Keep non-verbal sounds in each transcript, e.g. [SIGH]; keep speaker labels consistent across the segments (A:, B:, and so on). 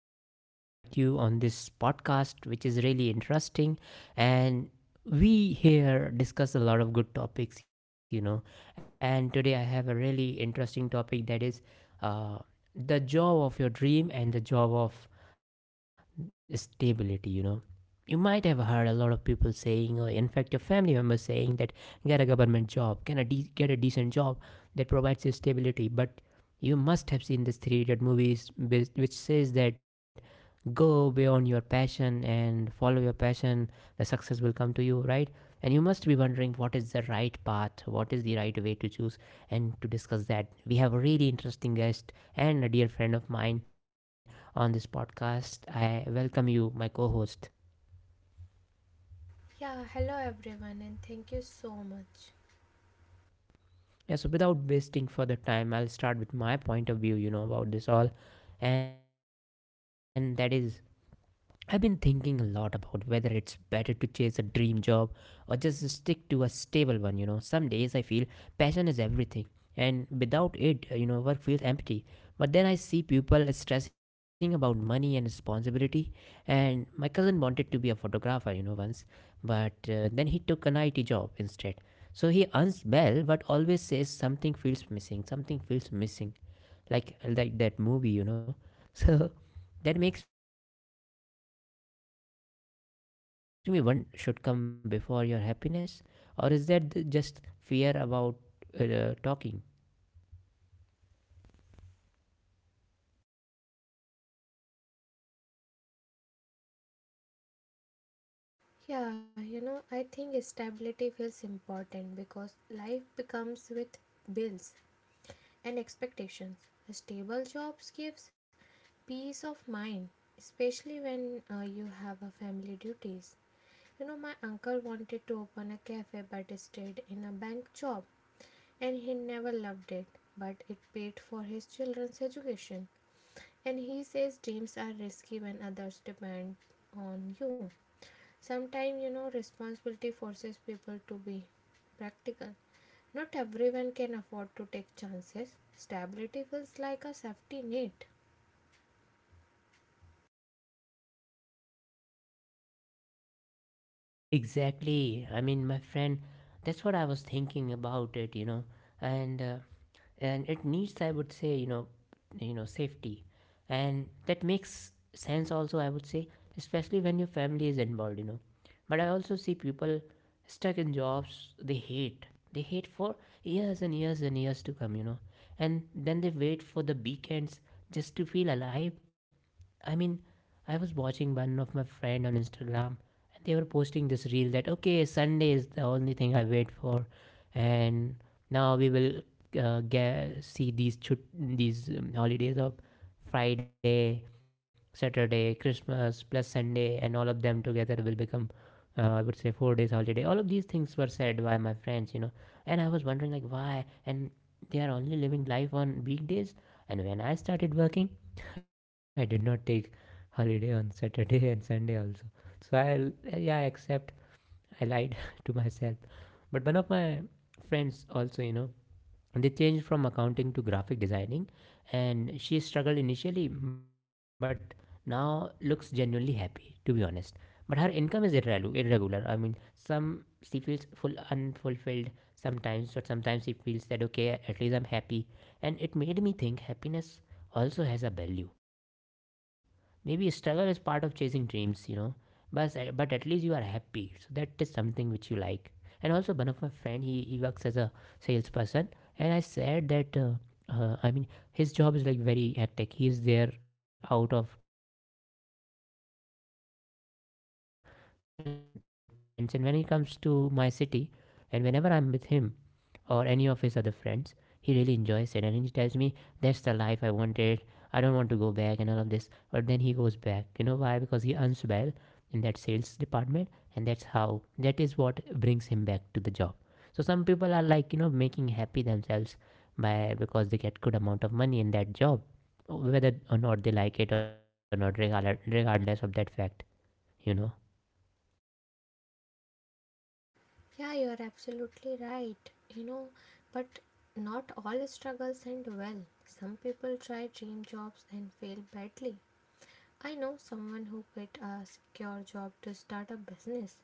A: To invite you on this podcast, which is really interesting. And we here discuss a lot of good topics, you know. And today I have a really interesting topic that is uh, the job of your dream and the job of stability, you know. You might have heard a lot of people saying, or in fact, your family members saying that get a government job, get a decent job that provides you stability. But you must have seen this three idiot movies which says that go beyond your passion and follow your passion, the success will come to you, right? And you must be wondering what is the right path, what is the right way to choose. And to discuss that, we have a really interesting guest and a dear friend of mine on this podcast. I welcome you, my co host.
B: Yeah, hello everyone, and thank you so much.
A: Yeah, so without wasting further time, I'll start with my point of view, you know, about this all. And that is I've been thinking a lot about whether it's better to chase a dream job or just stick to a stable one, you know. Some days I feel passion is everything and without it, work feels empty. But then I see people stressing about money and responsibility, and my cousin wanted to be a photographer, you know, once, but then he took an IT job instead. So he earns well but always says something feels missing, something feels missing, like that movie, you know. [LAUGHS] So that makes me wonder if stability alone is enough. Do you think security should come before your happiness, or is just fear about talking?
B: Yeah, you know, I think stability feels important because life becomes with bills and expectations. Stable jobs gives peace of mind, especially when you have a family duties. You know, my uncle wanted to open a cafe but stayed in a bank job and he never loved it, but it paid for his children's education. And he says dreams are risky when others depend on you sometimes. You know, responsibility forces people to be practical. Not everyone can afford to take chances. Stability feels like a safety net.
A: Exactly, I mean, my friend, that's what I was thinking about it, you know. And and it needs, I would say, you know, you know, safety. And that makes sense also, I would say, especially when your family is involved, you know. But I also see people stuck in jobs they hate for years and years and years to come, you know, and then they wait for the weekends just to feel alive. I mean, I was watching one of my friend on Instagram, and they were posting this reel that okay, Sunday is the only thing I wait for. And now we will see these holidays of Friday, Saturday, Christmas plus Sunday, and all of them together will become, I would say, 4 days holiday. All of these things were said by my friends, you know, and I was wondering like why, and they are only living life on weekdays. And when I started working, [LAUGHS] I did not take holiday on Saturday and Sunday also. So I, yeah, I accept I lied [LAUGHS] to myself. But one of my friends also, you know, they changed from accounting to graphic designing, and she struggled initially, but now looks genuinely happy, to be honest. But her income is irregular. I mean, some she feels full unfulfilled sometimes, but sometimes she feels that okay, at least I'm happy. And it made me think happiness also has a value. Maybe struggle is part of chasing dreams, you know, but at least you are happy, so that is something which you like. And also one of my friend, he works as a salesperson, and I said that I mean, his job is like very hectic. He is there out of the hometown and not with parents, and when he comes to my city and whenever I'm with him or any of his other friends, he really enjoys it, and he tells me that's the life I wanted, I don't want to go back and all of this. But then he goes back, you know why? Because he earns well in that sales department, and that's how, that is what brings him back to the job. So some people are like, you know, making happy themselves by, because they get good amount of money in that job, whether or not they like it or not, regardless of that fact, you know.
B: Yeah, you're absolutely right, you know, but not all struggles end well. Some people try dream jobs and fail badly. I know someone who quit a secure job to start a business.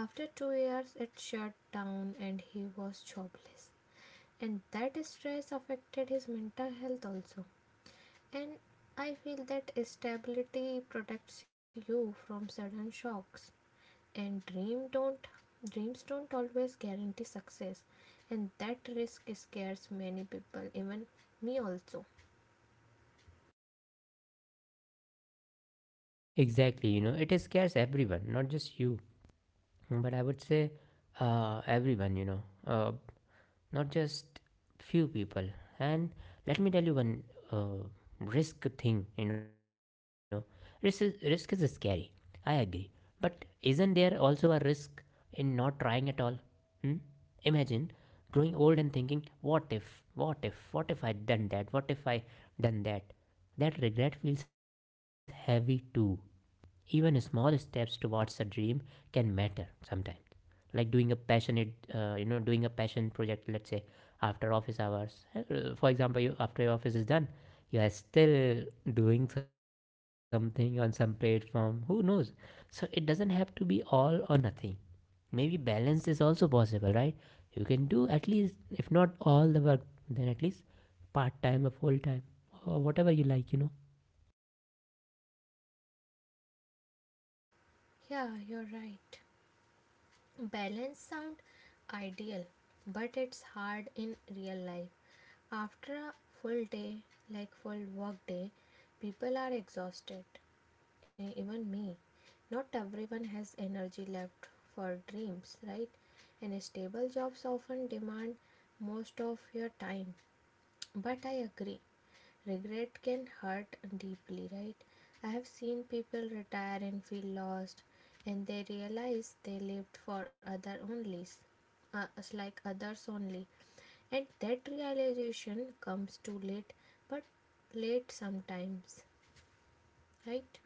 B: After 2 years, it shut down and he was jobless. And that stress affected his mental health also. And I feel that stability protects you from sudden shocks. And dreams don't always guarantee success. And that risk scares many people, even me also.
A: Exactly, you know, it scares everyone, not just you. But I would say everyone, you know, uh, not just few people. And let me tell you one uh, risk thing, you know. Risk is scary, I agree. But isn't there also a risk in not trying at all? Hmm? Imagine growing old and thinking what if, what if I done that, what if I done that. That regret feels heavy too. Even small steps towards a dream can matter sometimes. Like doing a passionate, doing a passion project, let's say, after office hours. For example, you, after your office is done, you are still doing something on some platform. Who knows? So it doesn't have to be all or nothing. Maybe balance is also possible, right? You can do at least, if not all the work, then at least part time or full time or whatever you like, you know.
B: Yeah, you're right. Balance sound ideal, but it's hard in real life. After a full day, like full work day, people are exhausted. Even me. Not everyone has energy left for dreams, right? And stable jobs often demand most of your time. But I agree. Regret can hurt deeply, right? I have seen people retire and feel lost, and they realize they lived for other only, us like others only. And that realization comes too late, but late sometimes, right?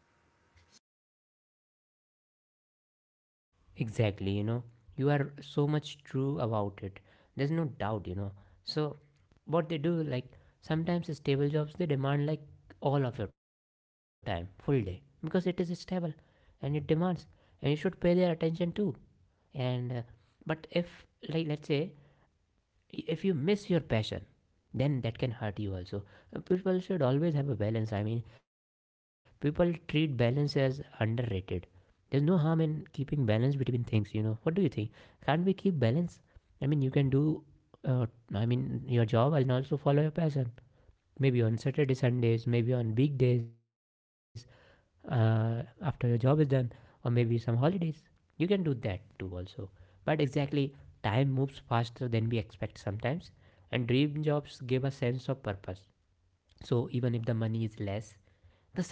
A: Exactly, you know, you are so much true about it. There's no doubt, you know. So, what they do, like, sometimes stable jobs, they demand like all of your time, full day, because it is stable and it demands, and you should pay their attention too. And, but if, like, let's say, if you miss your passion, then that can hurt you also. People should always have a balance. I mean, people treat balance as underrated. There's no harm in keeping balance between things, you know. What do you think? Can't we keep balance? I mean, you can do uh, I mean, your job and also follow your passion, maybe on Saturday Sundays, maybe on weekdays after your job is done, or maybe some holidays you can do that too also. But exactly, time moves faster than we expect sometimes, and dream jobs give a sense of purpose. So even if the money is less,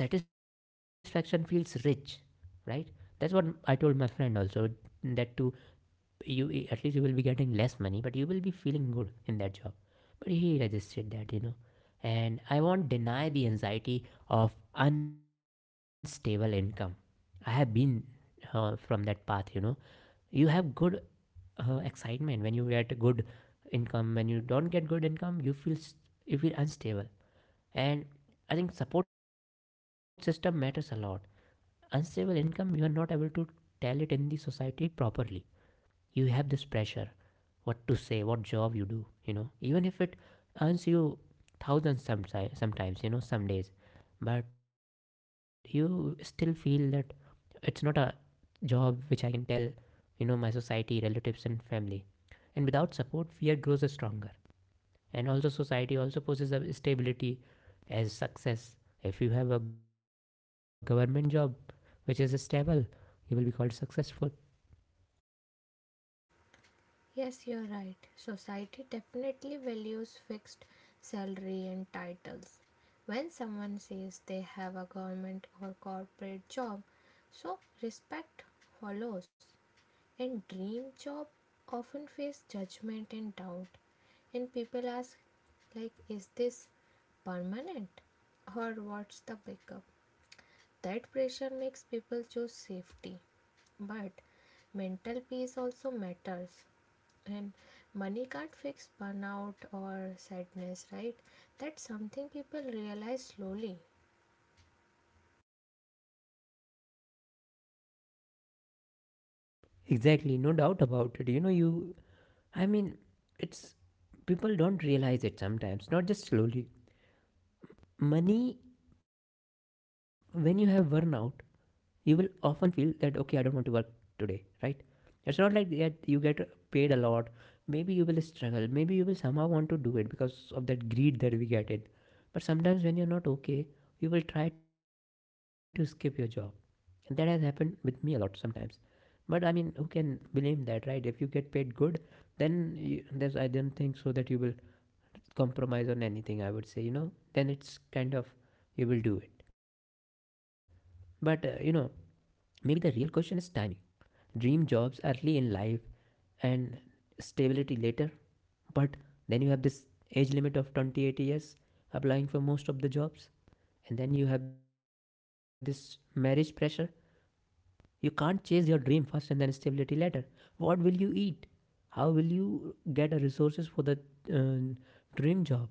A: the satisfaction feels rich, right? That's what I told my friend also, that to you, at least you will be getting less money, but you will be feeling good in that job. But he resisted that, you know. And I won't deny the anxiety income. I have been from that path, you know. You have good excitement when you get good income. When you don't get good income, you feel unstable. And I think support system matters a lot. Unstable income, you are not able to tell it in the society properly. You have this pressure, what to say, what job you do, you know, even if it earns you thousands sometimes, you know, some days. But you still feel that it's not a job which I can tell, you know, my society, relatives and family. And without support, fear grows stronger. And also society also poses a stability as success. If you have a government job which is stable, you will be called successful.
B: Yes, you're right. Society definitely values fixed salary and titles. When someone says they have a government or corporate job, so respect follows. And dream job often face judgment and doubt, and people ask like, is this permanent or what's the backup? That pressure makes people choose safety, but mental peace also matters. And money can't fix burnout or sadness, right? That's something people realize slowly.
A: Exactly, no doubt about it, you know. You I mean, it's, people don't realize it sometimes, not just slowly. Money, when you have burnout, you will often feel that okay, I don't want to work today, right? It's not like that you get paid a lot. Maybe you will struggle, maybe you will somehow want to do it because of that greed that we get in. But sometimes when you're not okay, you will try to skip your job, and that has happened with me a lot sometimes. But I mean, who can blame that, right? If you get paid good, there's I don't think so that you will compromise on anything, I would say, you know. Then it's kind of, you will do it. But you know, maybe the real question is timing. Dream jobs early in life and stability later. But then you have this age limit of 28 years applying for most of the jobs. And then you have this marriage pressure. You can't chase your dream first and then stability later. What will you eat? How will you get a resources for the uh, dream job?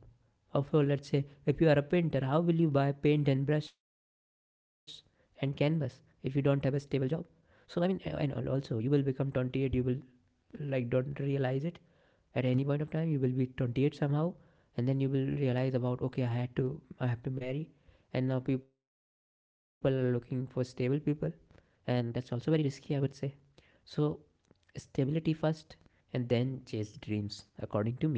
A: Or for, let's say, if you are a painter, how will you buy paint and brush and canvas if you don't have a stable job? So I mean, and also you will become 28. You will like don't realize it at any point of time. You will be 28 somehow, and then you will realize about, okay, I have to marry, and now people are looking for stable people, and that's also very risky, I would say. So stability first and then chase dreams, according to me.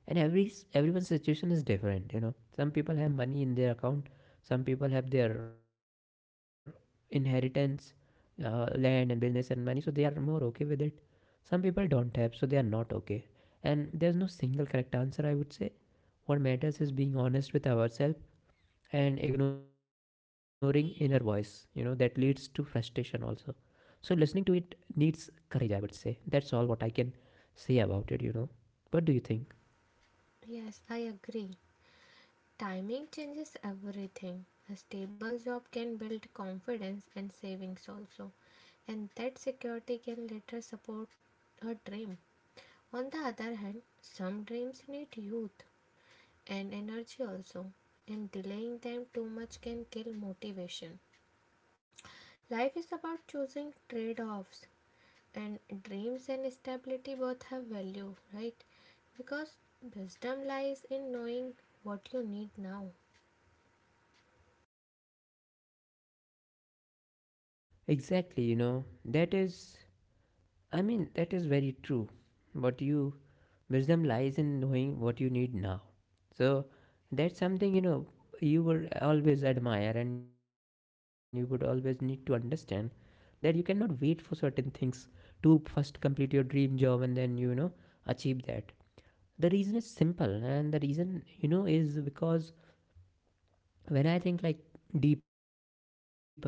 A: And everyone's situation is different, you know. Some people have money in their account, some people have their inheritance, land and business and money, so they are more okay with it. Some people don't have, so they are not okay. And there's no single correct answer, I would say. What matters is being honest with ourselves, and ignoring inner voice, you know, that leads to frustration also. So listening to it needs courage, I would say. That's all what I can say about it, you know. What do you think?
B: Yes, I agree. Timing changes everything. A stable job can build confidence and savings also, and that security can later support a dream. On the other hand, some dreams need youth and energy also, and delaying them too much can kill motivation. Life is about choosing trade offs, and dreams and stability both have value, right? Because wisdom lies in knowing what you need now.
A: Exactly, you know, that is, I mean, that is very true. What you Wisdom lies in knowing what you need now. So that's something, you know, you would always admire and you would always need to understand, that you cannot wait for certain things to first complete your dream job and then, you know, achieve that. The reason is simple, and the reason, you know, is because when I think like deeper, and I realize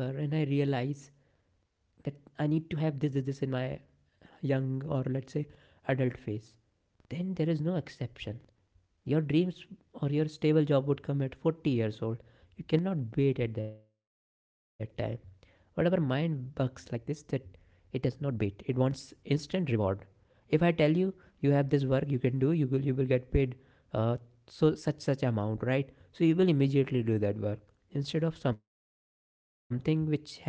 A: that I need to have this in my young, or let's say adult phase, then there is no exception. Your dreams or your stable job would come at 40 years old. You cannot wait at that time. But our mind bugs like this, that it does not wait. It wants instant reward. If I tell you you have this work you can do, you will get paid uh, such amount, right? So you will immediately do that work instead of something which has no predictability.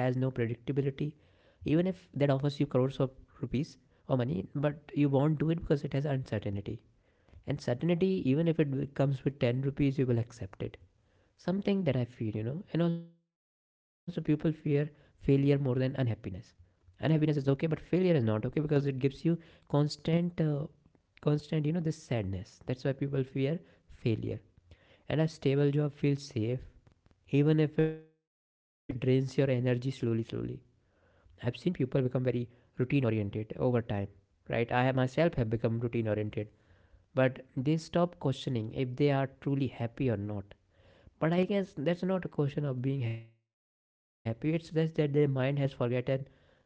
A: Even if that offers you crores of rupees or money, but you won't do it because it has uncertainty. And certainty, even if it comes with 10 rupees, you will accept it. Something that I feel, you know. And also, people fear failure more than unhappiness. Unhappiness is okay, but failure is not okay because it gives you constant, uh, constant, you know, this sadness. That's why people fear failure. And a stable job feels safe, even if it drains your energy slowly, slowly. I've seen people become very routine oriented over time, right? I myself have become routine oriented, but they stop questioning if they are truly happy or not. But I guess that's not a question of being happy, it's just that their mind has forgotten how to enjoy.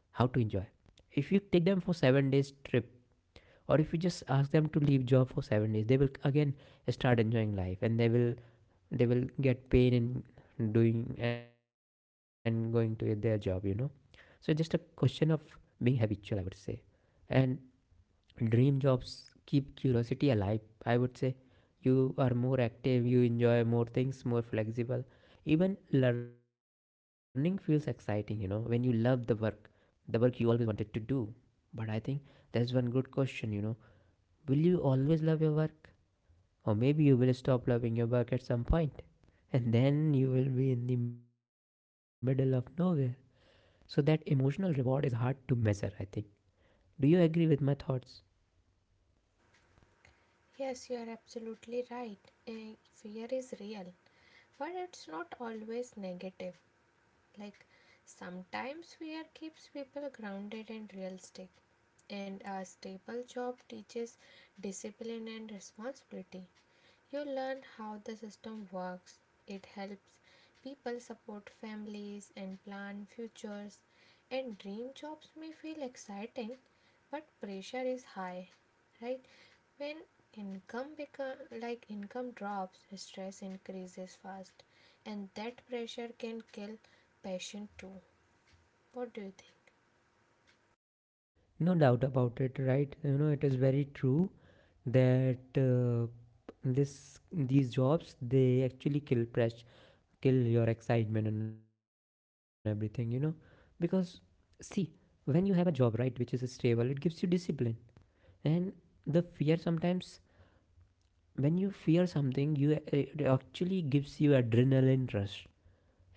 A: If you take them for 7 days trip, or if you just ask them to leave job for 7 days, they will again start enjoying life, and they will get pain in doing and going to their job, you know. So it's just a question of being habitual, I would say. And dream jobs keep curiosity alive, I would say. You are more active, you enjoy more things, more flexible. Even learning feels exciting, you know, when you love the work, the work you always wanted to do. But I think that's one good question, you know. Will you always love your work, or maybe you will stop loving your work at some point, and then you will be in the middle of nowhere? So that emotional reward is hard to measure, I think. Do you agree with my thoughts?
B: Yes, you are absolutely right. Fear is real, but it's not always negative. Like sometimes fear keeps people grounded and realistic, and a stable job teaches discipline and responsibility. You learn how the system works. It helps people support families and plan futures. And dream jobs may feel exciting, but pressure is high, right? When income become like income drops, stress increases fast, and that pressure can kill passion too. What do you think?
A: No doubt about it, right? You know, it is very true that this these jobs, they actually kill your excitement and everything. You know, because see, when you have a job, right, which is stable, it gives you discipline. And the fear sometimes, when you fear something, you, it actually gives you adrenaline rush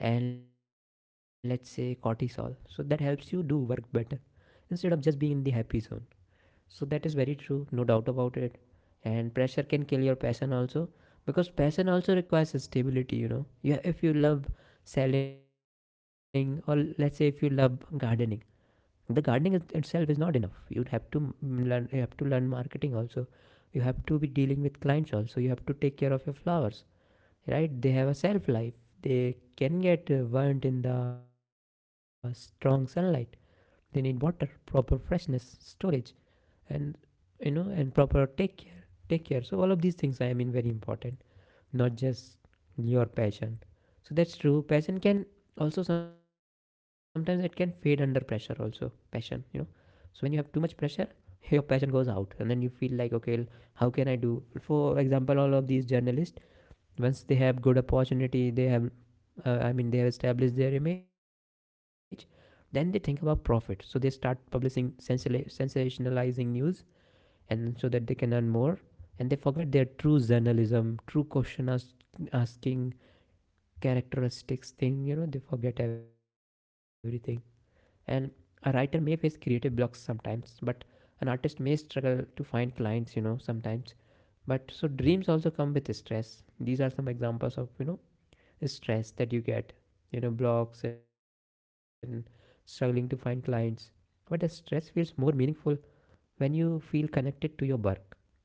A: and let's say cortisol, so that helps you do work better instead of just being in the happy zone. So that is very true, no doubt about it. And pressure can kill your passion also, because passion also requires stability, you know. Yeah, if you love selling, or let's say if you love gardening, itself is not enough. You have to mm, learn you have to learn marketing also. You have to be dealing with clients also. You have to take care of your flowers, right? They have a shelf life. They can get burnt in the strong sunlight. They need water, proper freshness, storage, and you know, and proper take care. So all of these things, I mean, very important, not just your passion. So that's true, passion can also sometimes, it can fade under pressure also, passion, you know. So when you have too much pressure, [LAUGHS] your passion goes out, and then you feel like, okay, how can I do? For example, all of these journalists, once they have good opportunity, they have, they have established their image, then they think about profit, so they start publishing sensationalizing news, and so that they can earn more, and they forget their true journalism, true asking characteristics thing, you know, they forget everything. And a writer may face creative blocks sometimes, but an artist may struggle to find clients, you know, sometimes. But so dreams also come with stress. These are some examples of, you know, stress that you get, you know, blocks and struggling to find clients. But the stress feels more meaningful when you feel connected to your work.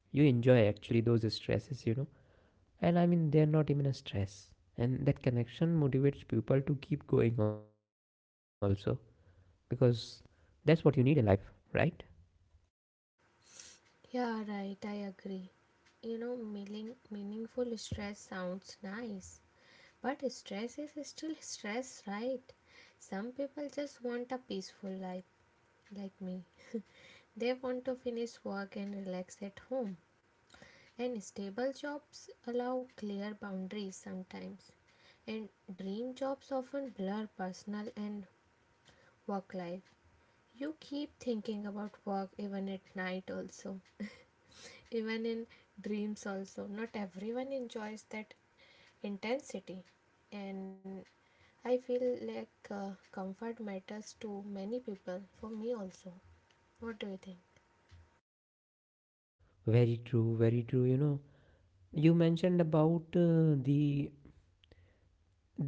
A: You enjoy actually those stresses, you know, and I mean, they're not even a stress. And that connection motivates people to keep going also, because that's what you need in life, right?
B: Yeah, right. I agree. You know, meaningful stress sounds nice, but stress is still stress, right? Some people just want a peaceful life, like me. They want to finish work and relax at home. And stable jobs allow clear boundaries sometimes. And dream jobs often blur personal and work life. You keep thinking about work even at night, also. Even in dreams also. Not everyone enjoys that intensity. And I feel like comfort matters to many people, for me also. What do you think?
A: Very true, very true, you know. You mentioned about the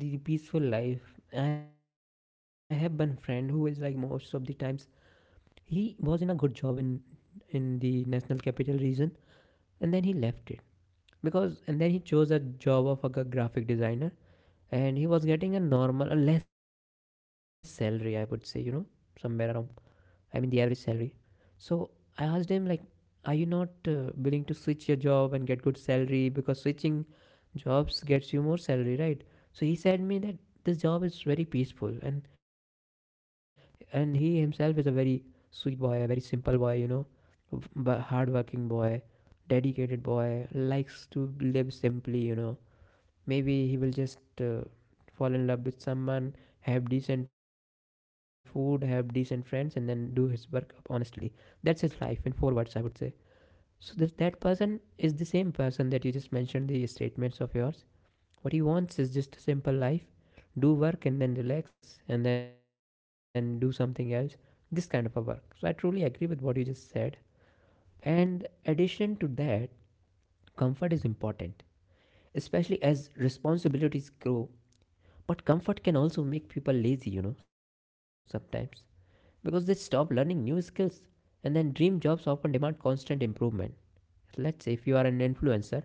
A: the peaceful life. I have one friend who is like most of the times, he was in a good job in the national capital region, and then he left it because, and then he chose a job of like a graphic designer, and he was getting a normal a less salary, I would say, you know, somewhere around, I mean, the average salary. So I asked him like, are you not willing to switch your job and get good salary, because switching jobs gets you more salary, right? So he said me that this job is very peaceful, and he himself is a very sweet boy, a very simple boy, you know, but hardworking boy, dedicated boy, likes to live simply, you know. Maybe he will just fall in love with someone, have decent food, have decent friends, and then do his work honestly. That's his life in four words, I would say. So that person is the same person that you just mentioned the statements of yours. What he wants is just a simple life, do work and then relax and then do something else, this kind of a work. So I truly agree with what you just said. And addition to that, comfort is important, especially as responsibilities grow. But comfort can also make people lazy, you know, sometimes, because they stop learning new skills. And then dream jobs often demand constant improvement. Let's say if you are an influencer,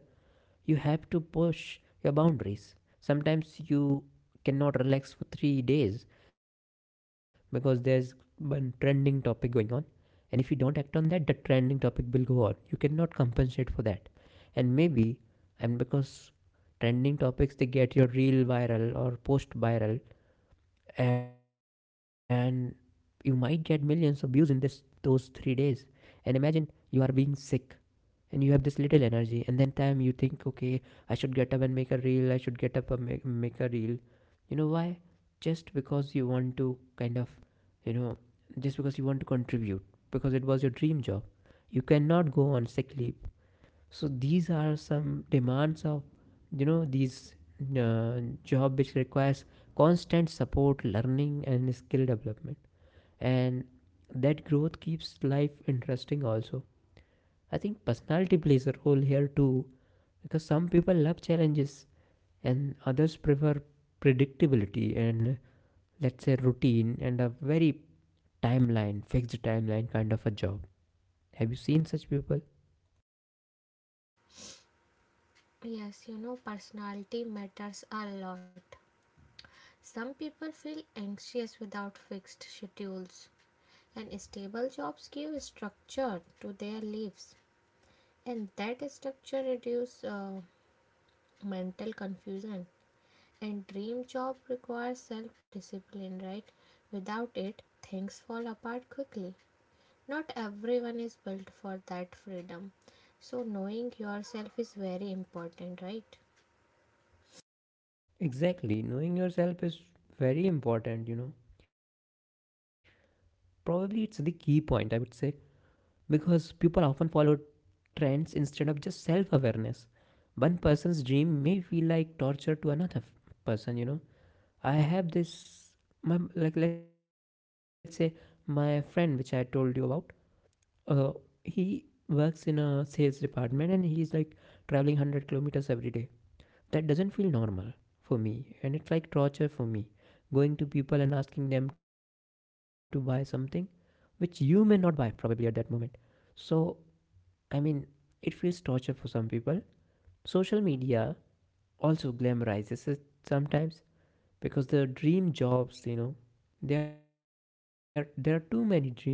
A: you have to push your boundaries. Sometimes you cannot relax for 3 days because there's one trending topic going on. And if you don't act on that, the trending topic will go on. You cannot compensate for that. And maybe, and because trending topics, they get your reel viral or post viral, and you might get millions of views in this those 3 days. And imagine you are being sick, and you have this little energy and then time, you think, okay, I should get up and make a reel, I should get up and make a reel. You know why? Just because you want to kind of, you know, just because you want to contribute, because it was your dream job. You cannot go on sick leave. So these are some demands of, you know, these uh, job which requires constant support, learning and skill development. And that growth keeps life interesting also. I think personality plays a role here too, because some people love challenges and others prefer predictability, and let's say routine, and a very fixed timeline kind of a job. Have you seen such people?
B: Yes, you know, personality matters a lot. Some people feel anxious without fixed schedules, and stable jobs give structure to their lives, and that structure reduces mental confusion. And dream job requires self-discipline, right? Without it, things fall apart quickly. Not everyone is built for that freedom. So knowing yourself is very important, right?
A: Exactly. Knowing yourself is very important, you know. Probably it's the key point, I would say, because people often follow trends instead of just self awareness. One person's dream may feel like torture to another person, you know. I have this, my, like let's say my friend which I told you about. Uh, he works in a sales department, and he's like traveling 100 kilometers every day. That doesn't feel normal for me, and it's like torture for me, going to people and asking them to buy something which you may not buy probably at that moment. So, I mean, it feels torture for some people. Social media also glamorizes it sometimes because the dream jobs you know there there are too many dream jobs you know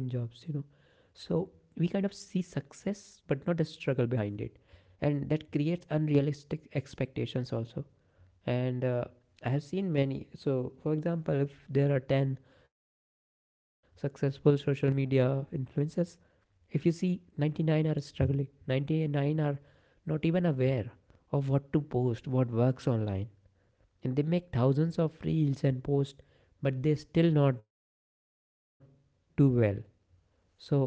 A: so we kind of see success but not the struggle behind it, and that creates unrealistic expectations also. And I have seen many. So for example, if there are 10 successful social media influencers, if you see, 99 are struggling, 99 are not even aware of what to post, what works online, and they make thousands of reels and posts but they still not do well. So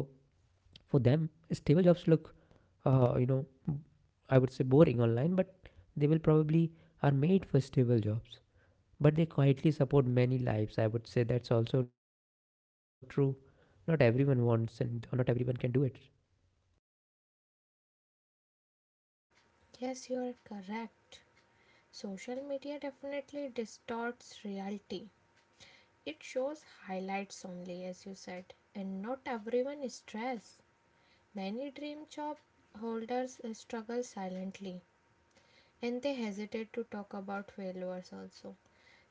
A: for them stable jobs look, uh, you know I would say, boring online, but they will probably are made for stable jobs. But they quietly support many lives, I would say. That's also true. Not everyone wants and not everyone can do it.
B: Yes, you are correct. Social media definitely distorts reality. It shows highlights only, as you said, and not everyone is stressed. Many dream job holders struggle silently, and they hesitate to talk about failures also.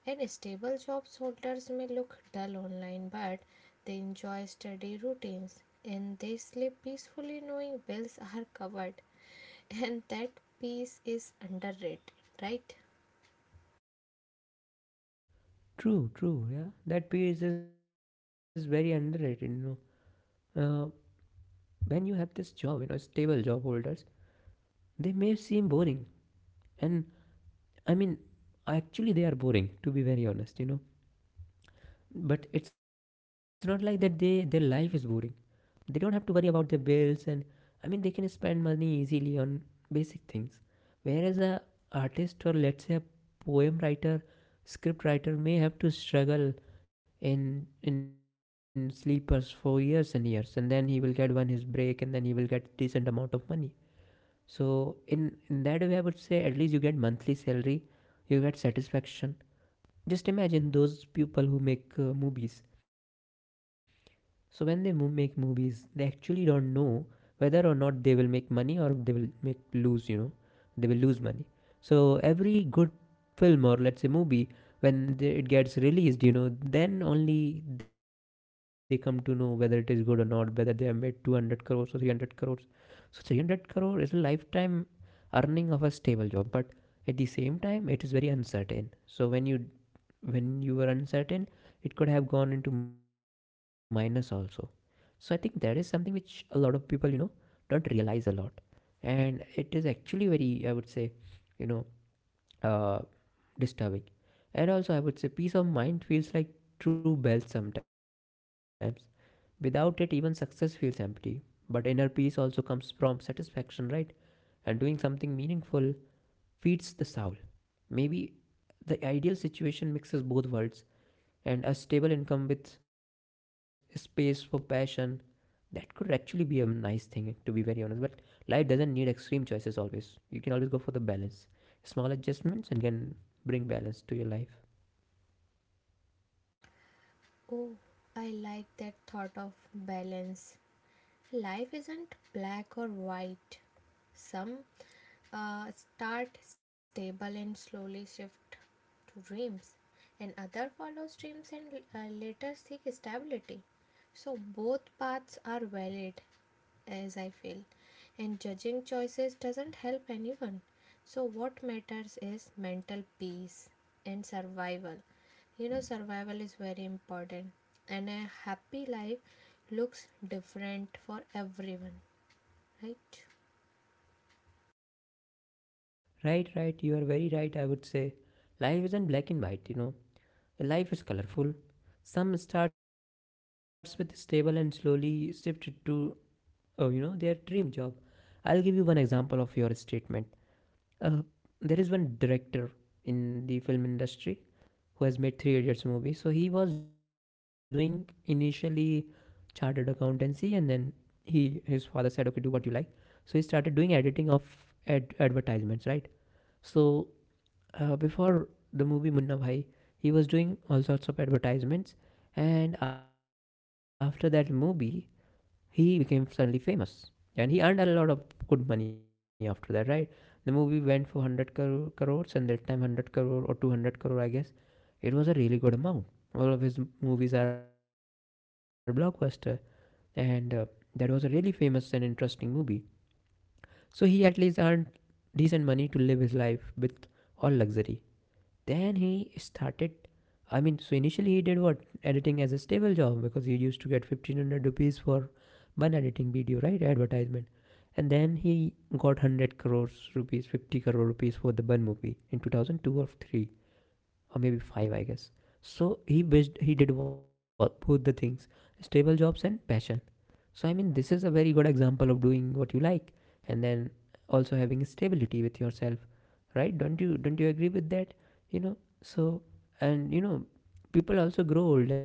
B: And stable job holders may look dull online, but they enjoy steady routines, and they sleep peacefully knowing bills are covered. And that peace is underrated, right?
A: True, true, yeah. That piece is very underrated know uh, when you have this job, stable job holders, they may seem boring. And, I mean, actually, they are boring, to be very honest. But it's not like that they their life is boring. They don't have to worry about their bills, and I mean, they can spend money easily on basic things. Whereas a artist, or let's say a poem writer, script writer may have to struggle in in sleepers for years and years, and then he will get one his break, and then he will get decent amount of money. So in in that way, I would say at least you get monthly salary, you get satisfaction. Just imagine those people who make movies. So when they make movies, they actually don't know whether or not they will make money or they will make lose. You know, they will lose money. So every good film, or let's say movie, when it gets released, then only they come to know whether it is good or not, whether they have made 200 crores or 300 crores. So 300 crore is a lifetime earning of a stable job, but at the same time it is very uncertain. So when you were uncertain, it could have gone into minus also. So I think that is something which a lot of people don't realize a lot, and it is actually very, I would say, you know uh, disturbing. And also, I would say peace of mind feels like true wealth sometimes. Without it, even success feels empty. But inner peace also comes from satisfaction, right? And doing something meaningful feeds the soul. Maybe the ideal situation mixes both worlds, and a stable income with space for passion, that could actually be a nice thing, to be very honest. But life doesn't need extreme choices always. You can always go for the balance. Small adjustments and can bring balance to your life.
B: Oh, I like that thought of balance. Life isn't black or white. Some start stable and slowly shift to dreams, and other follows dreams and later seek stability. So both paths are valid, as I feel. And judging choices doesn't help anyone. So, what matters is mental peace and survival. You know, survival is very important, and a happy life looks different for everyone, right?
A: Right, right. You are very right, I would say. Life isn't black and white. Life is colorful. Some starts with stable and slowly shifted to, oh, their dream job. I'll give you one example of your statement. Uh, there is one director in the film industry who has made Three Idiots movie. So he was doing initially chartered accountancy, and then he his father said, "Okay, do what you like." So he started doing editing of advertisements, right? So, before the movie Munna Bhai, he was doing all sorts of advertisements, and after that movie, he became suddenly famous, and he earned a lot of good money after that, right? The movie went for 100 crores, and that time 100 crore or 200 crore, I guess, it was a really good amount. All of his movies are blockbuster, and that was a really famous and interesting movie. So he at least earned decent money to live his life with all luxury. Then he started, I mean, so initially he did what editing as a stable job, because he used to get 1500 rupees for one editing video, right? Advertisement. And then he got 100 crores rupees, 50 crore rupees for the Bun movie in 2002, or three, or maybe five, I guess. So he did both the things, stable jobs and passion. So, I mean, this is a very good example of doing what you like, and then also having stability with yourself, right? Don't you agree with that? So, and, people also grow older.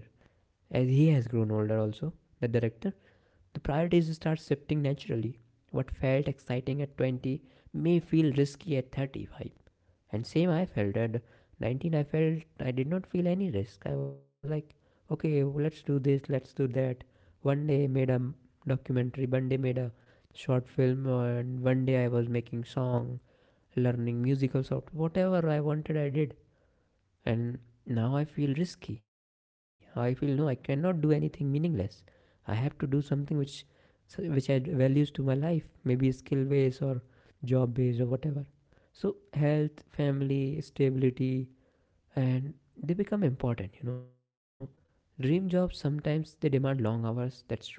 A: As he has grown older also, the director. The priorities start shifting naturally. What felt exciting at 20 may feel risky at 35. And same I felt at 19, I felt I did not feel any risk. I was like, okay, let's do this, let's do that. One day made a documentary, one day made a short film, and one day I was making song, learning musical software, whatever I wanted, I did. And now I feel risky. I feel, no, I cannot do anything meaningless. I have to do something which add values to my life, maybe skill based or job based or whatever. So health, family, stability, and they become important. Dream jobs sometimes they demand long hours, that's true.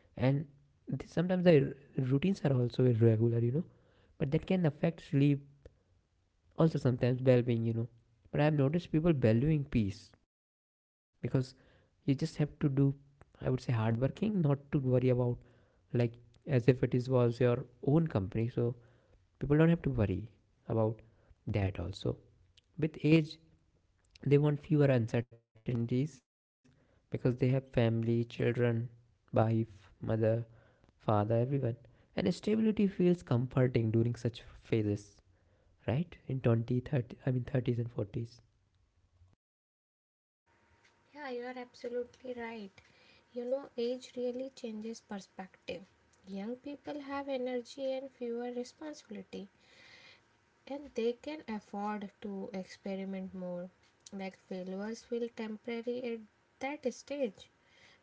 A: And sometimes the routines are also irregular. But that can affect sleep, also sometimes well-being, but I've noticed people valuing peace. Because you just have to do, I would say, hard working, not to worry about, like, as if it is was your own company. So people don't have to worry about that also. With age they want fewer uncertainties, because they have family, children, wife, mother, father, everyone, and stability feels comforting during such phases, right? In I mean, 30s and 40s.
B: Yeah, you are absolutely right. You know, age really changes perspective. Young people have energy and fewer responsibility, and they can afford to experiment more. Like failures feel temporary at that stage,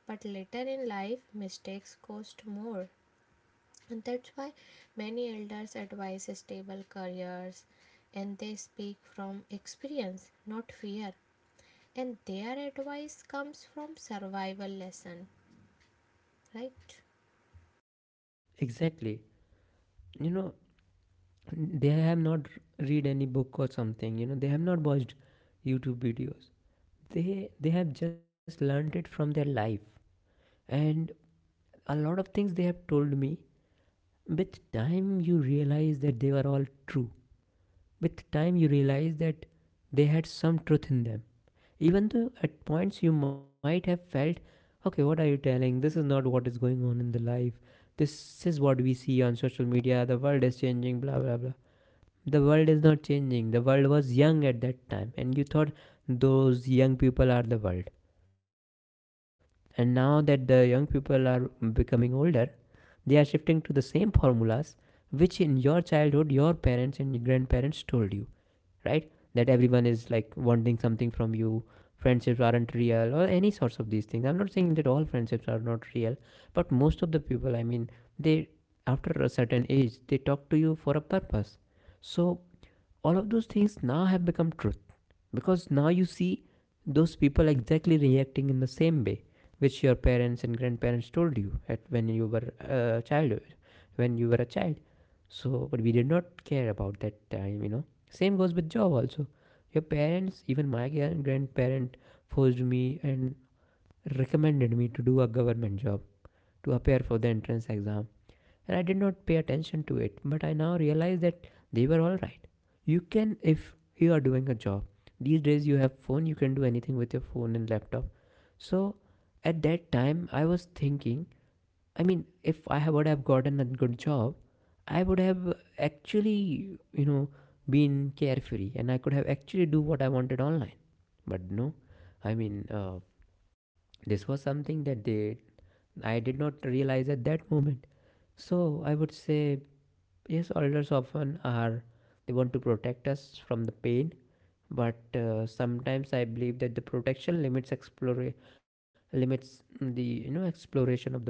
B: but later in life, mistakes cost more. And that's why many elders advise stable careers, and they speak from experience, not fear. And their advice comes from survival lesson, right?
A: Exactly. You know, they have not read any book or something, they have not watched YouTube videos. They have just learned it from their life. And a lot of things they have told me, with time you realize that they were all true. With time you realize that they had some truth in them. Even though at points you might have felt, okay, what are you telling? This is not what is going on in the life. This is what we see on social media. The world is changing, blah, blah, blah. The world is not changing. The world was young at that time, and you thought those young people are the world. And now that the young people are becoming older, they are shifting to the same formulas which in your childhood your parents and grandparents told you, right? That everyone is like wanting something from you, friendships aren't real, or any sorts of these things. I'm not saying that all friendships are not real, but most of the people, I mean, they after a certain age, they talk to you for a purpose. So all of those things now have become truth because now you see those people exactly reacting in the same way which your parents and grandparents told you at when you were a child, when you were a child. So, but we did not care about that time. Same goes with job also. Your parents, even my grandparent, forced me and recommended me to do a government job, to appear for the entrance exam, and I did not pay attention to it. But I now realize that they were all right. You can, if you are doing a job, these days you have phone, you can do anything with your phone and laptop. So at that time, I was thinking, I mean, if I would have gotten a good job, I would have actually, been carefree, and I could have actually do what I wanted online. But no, I mean, this was something that they I did not realize at that moment. So I would say, yes, elders often are, they want to protect us from the pain, but sometimes I believe that the protection limits the exploration of the world.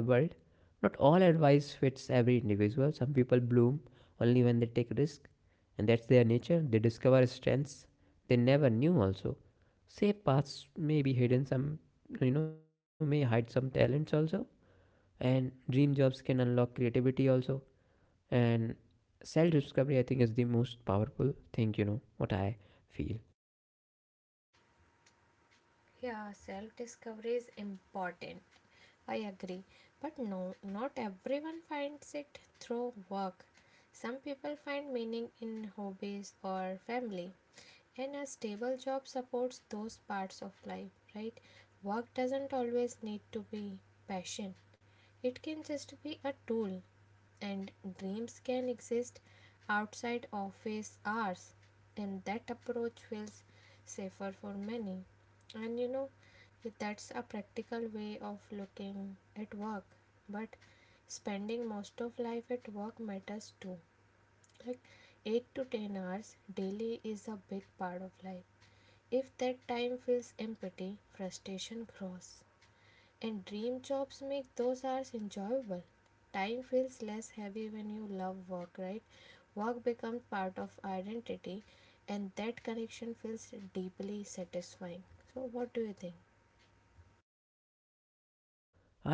A: Not all advice fits every individual. Some people bloom only when they take risk, and that's their nature. They discover strengths they never knew. Also, safe paths may be hidden. Some, may hide some talents also, and dream jobs can unlock creativity also, and self discovery, I think, is the most powerful thing, you know what I feel.
B: Yeah, self discovery is important. I agree. But no, not everyone finds it through work. Some people find meaning in hobbies or family, and a stable job supports those parts of life, right? Work doesn't always need to be passion. It can just be a tool, and dreams can exist outside office hours, and that approach feels safer for many. And you know, that's a practical way of looking at work, but spending most of life at work matters too. Like 8 to 10 hours daily is a big part of life. If that time feels empty, frustration grows. And dream jobs make those hours enjoyable. Time feels less heavy when you love work, right? Work becomes part of identity, and that connection feels deeply satisfying. So, what do you think?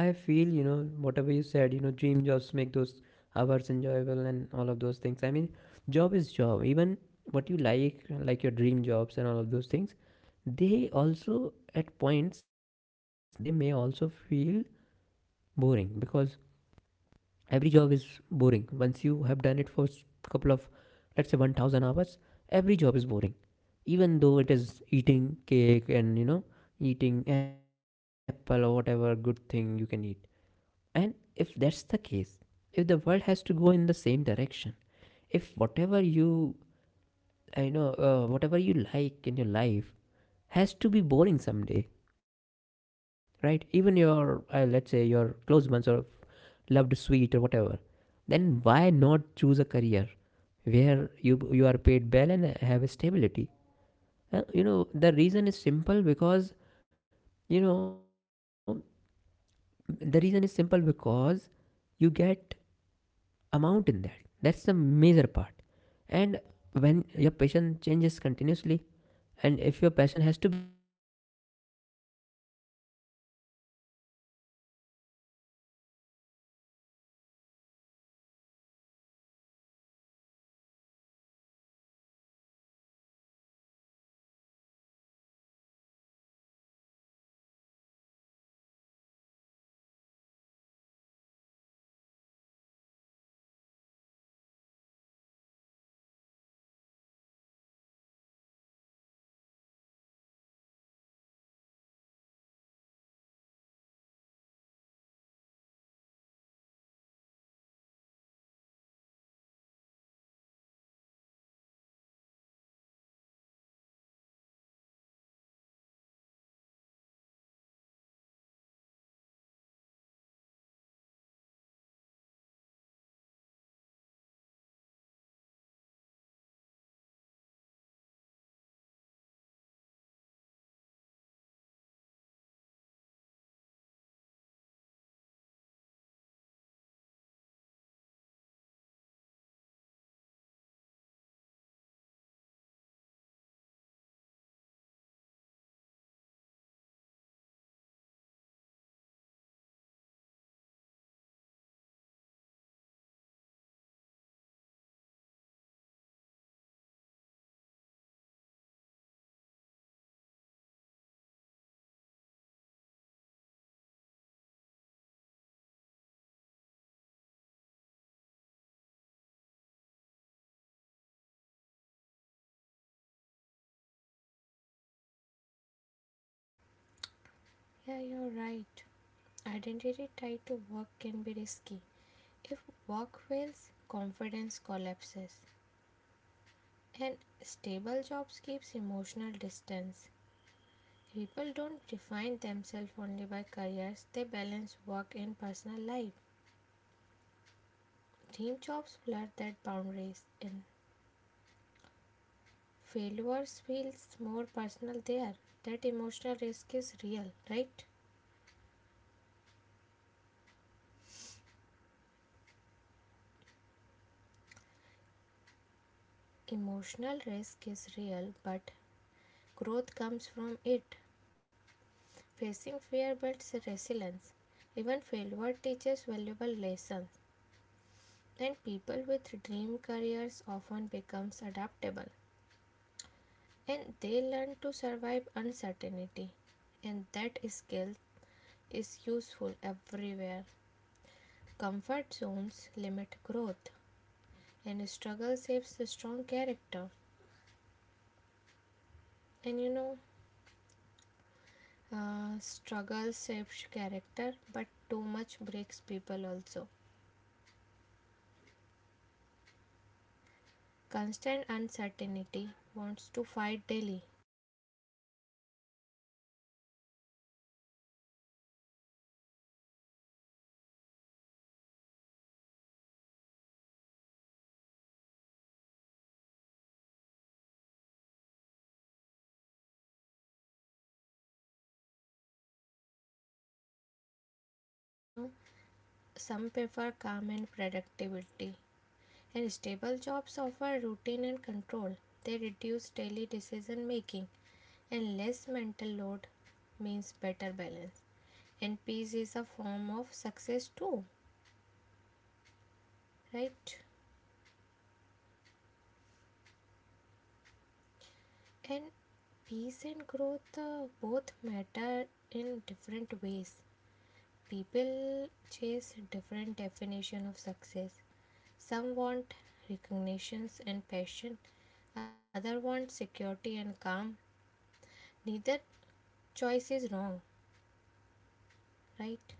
A: I feel, whatever you said, dream jobs make those hours enjoyable, and those things, I mean, job is job. Even what you like your dream jobs and all of those things, they also, at points, they may also feel boring, because every job is boring once you have done it for couple of, let's say, 1000 hours. Every job is boring. Even though it is eating cake and, eating apple or whatever good thing you can eat. And if that's the case, if the world has to go in the same direction, if whatever you like in your life has to be boring someday, right? Even your, let's say, your close ones or loved sweet or whatever. Then why not choose a career where you are paid well and have a stability? The reason is simple, because you know the reason is simple, because you get amount in that. That's the major part. And when your passion changes continuously, and if your passion has to be...
B: Yeah, you're right. Identity tied to work can be risky. If work fails, confidence collapses. And stable jobs keeps emotional distance. People don't define themselves only by careers, they balance work and personal life. Dream jobs blur that boundaries, and failures feels more personal there. That emotional risk is real, right? Emotional risk is real, but growth comes from it. Facing fear builds resilience. Even failure teaches valuable lessons, and people with dream careers often becomes adaptable, and they learn to survive uncertainty, and that skill is useful everywhere. Comfort zones limit growth, and struggle shapes the strong character. And you know, struggle shapes character, but too much breaks people also. Constant uncertainty wants to fight daily, you know. Some prefer calm and productivity. And stable jobs offer routine and control. They reduce daily decision making, and less mental load means better balance. And peace is a form of success too, right? And peace and growth both matter in different ways. People chase different definition of success. Some want recognitions and passion, other want security and calm. Neither choice is wrong, right?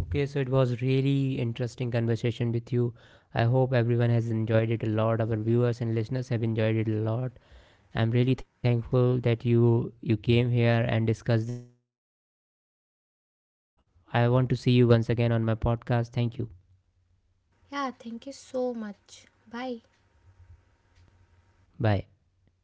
A: Okay, so it was really interesting conversation with you. I hope everyone has enjoyed it a lot. Our viewers and listeners have enjoyed it a lot. I'm really thankful that you came here and discussed this. Uh, I want to see you once again on my podcast. Thank you.
B: Yeah, thank you so much. Bye.
A: Bye.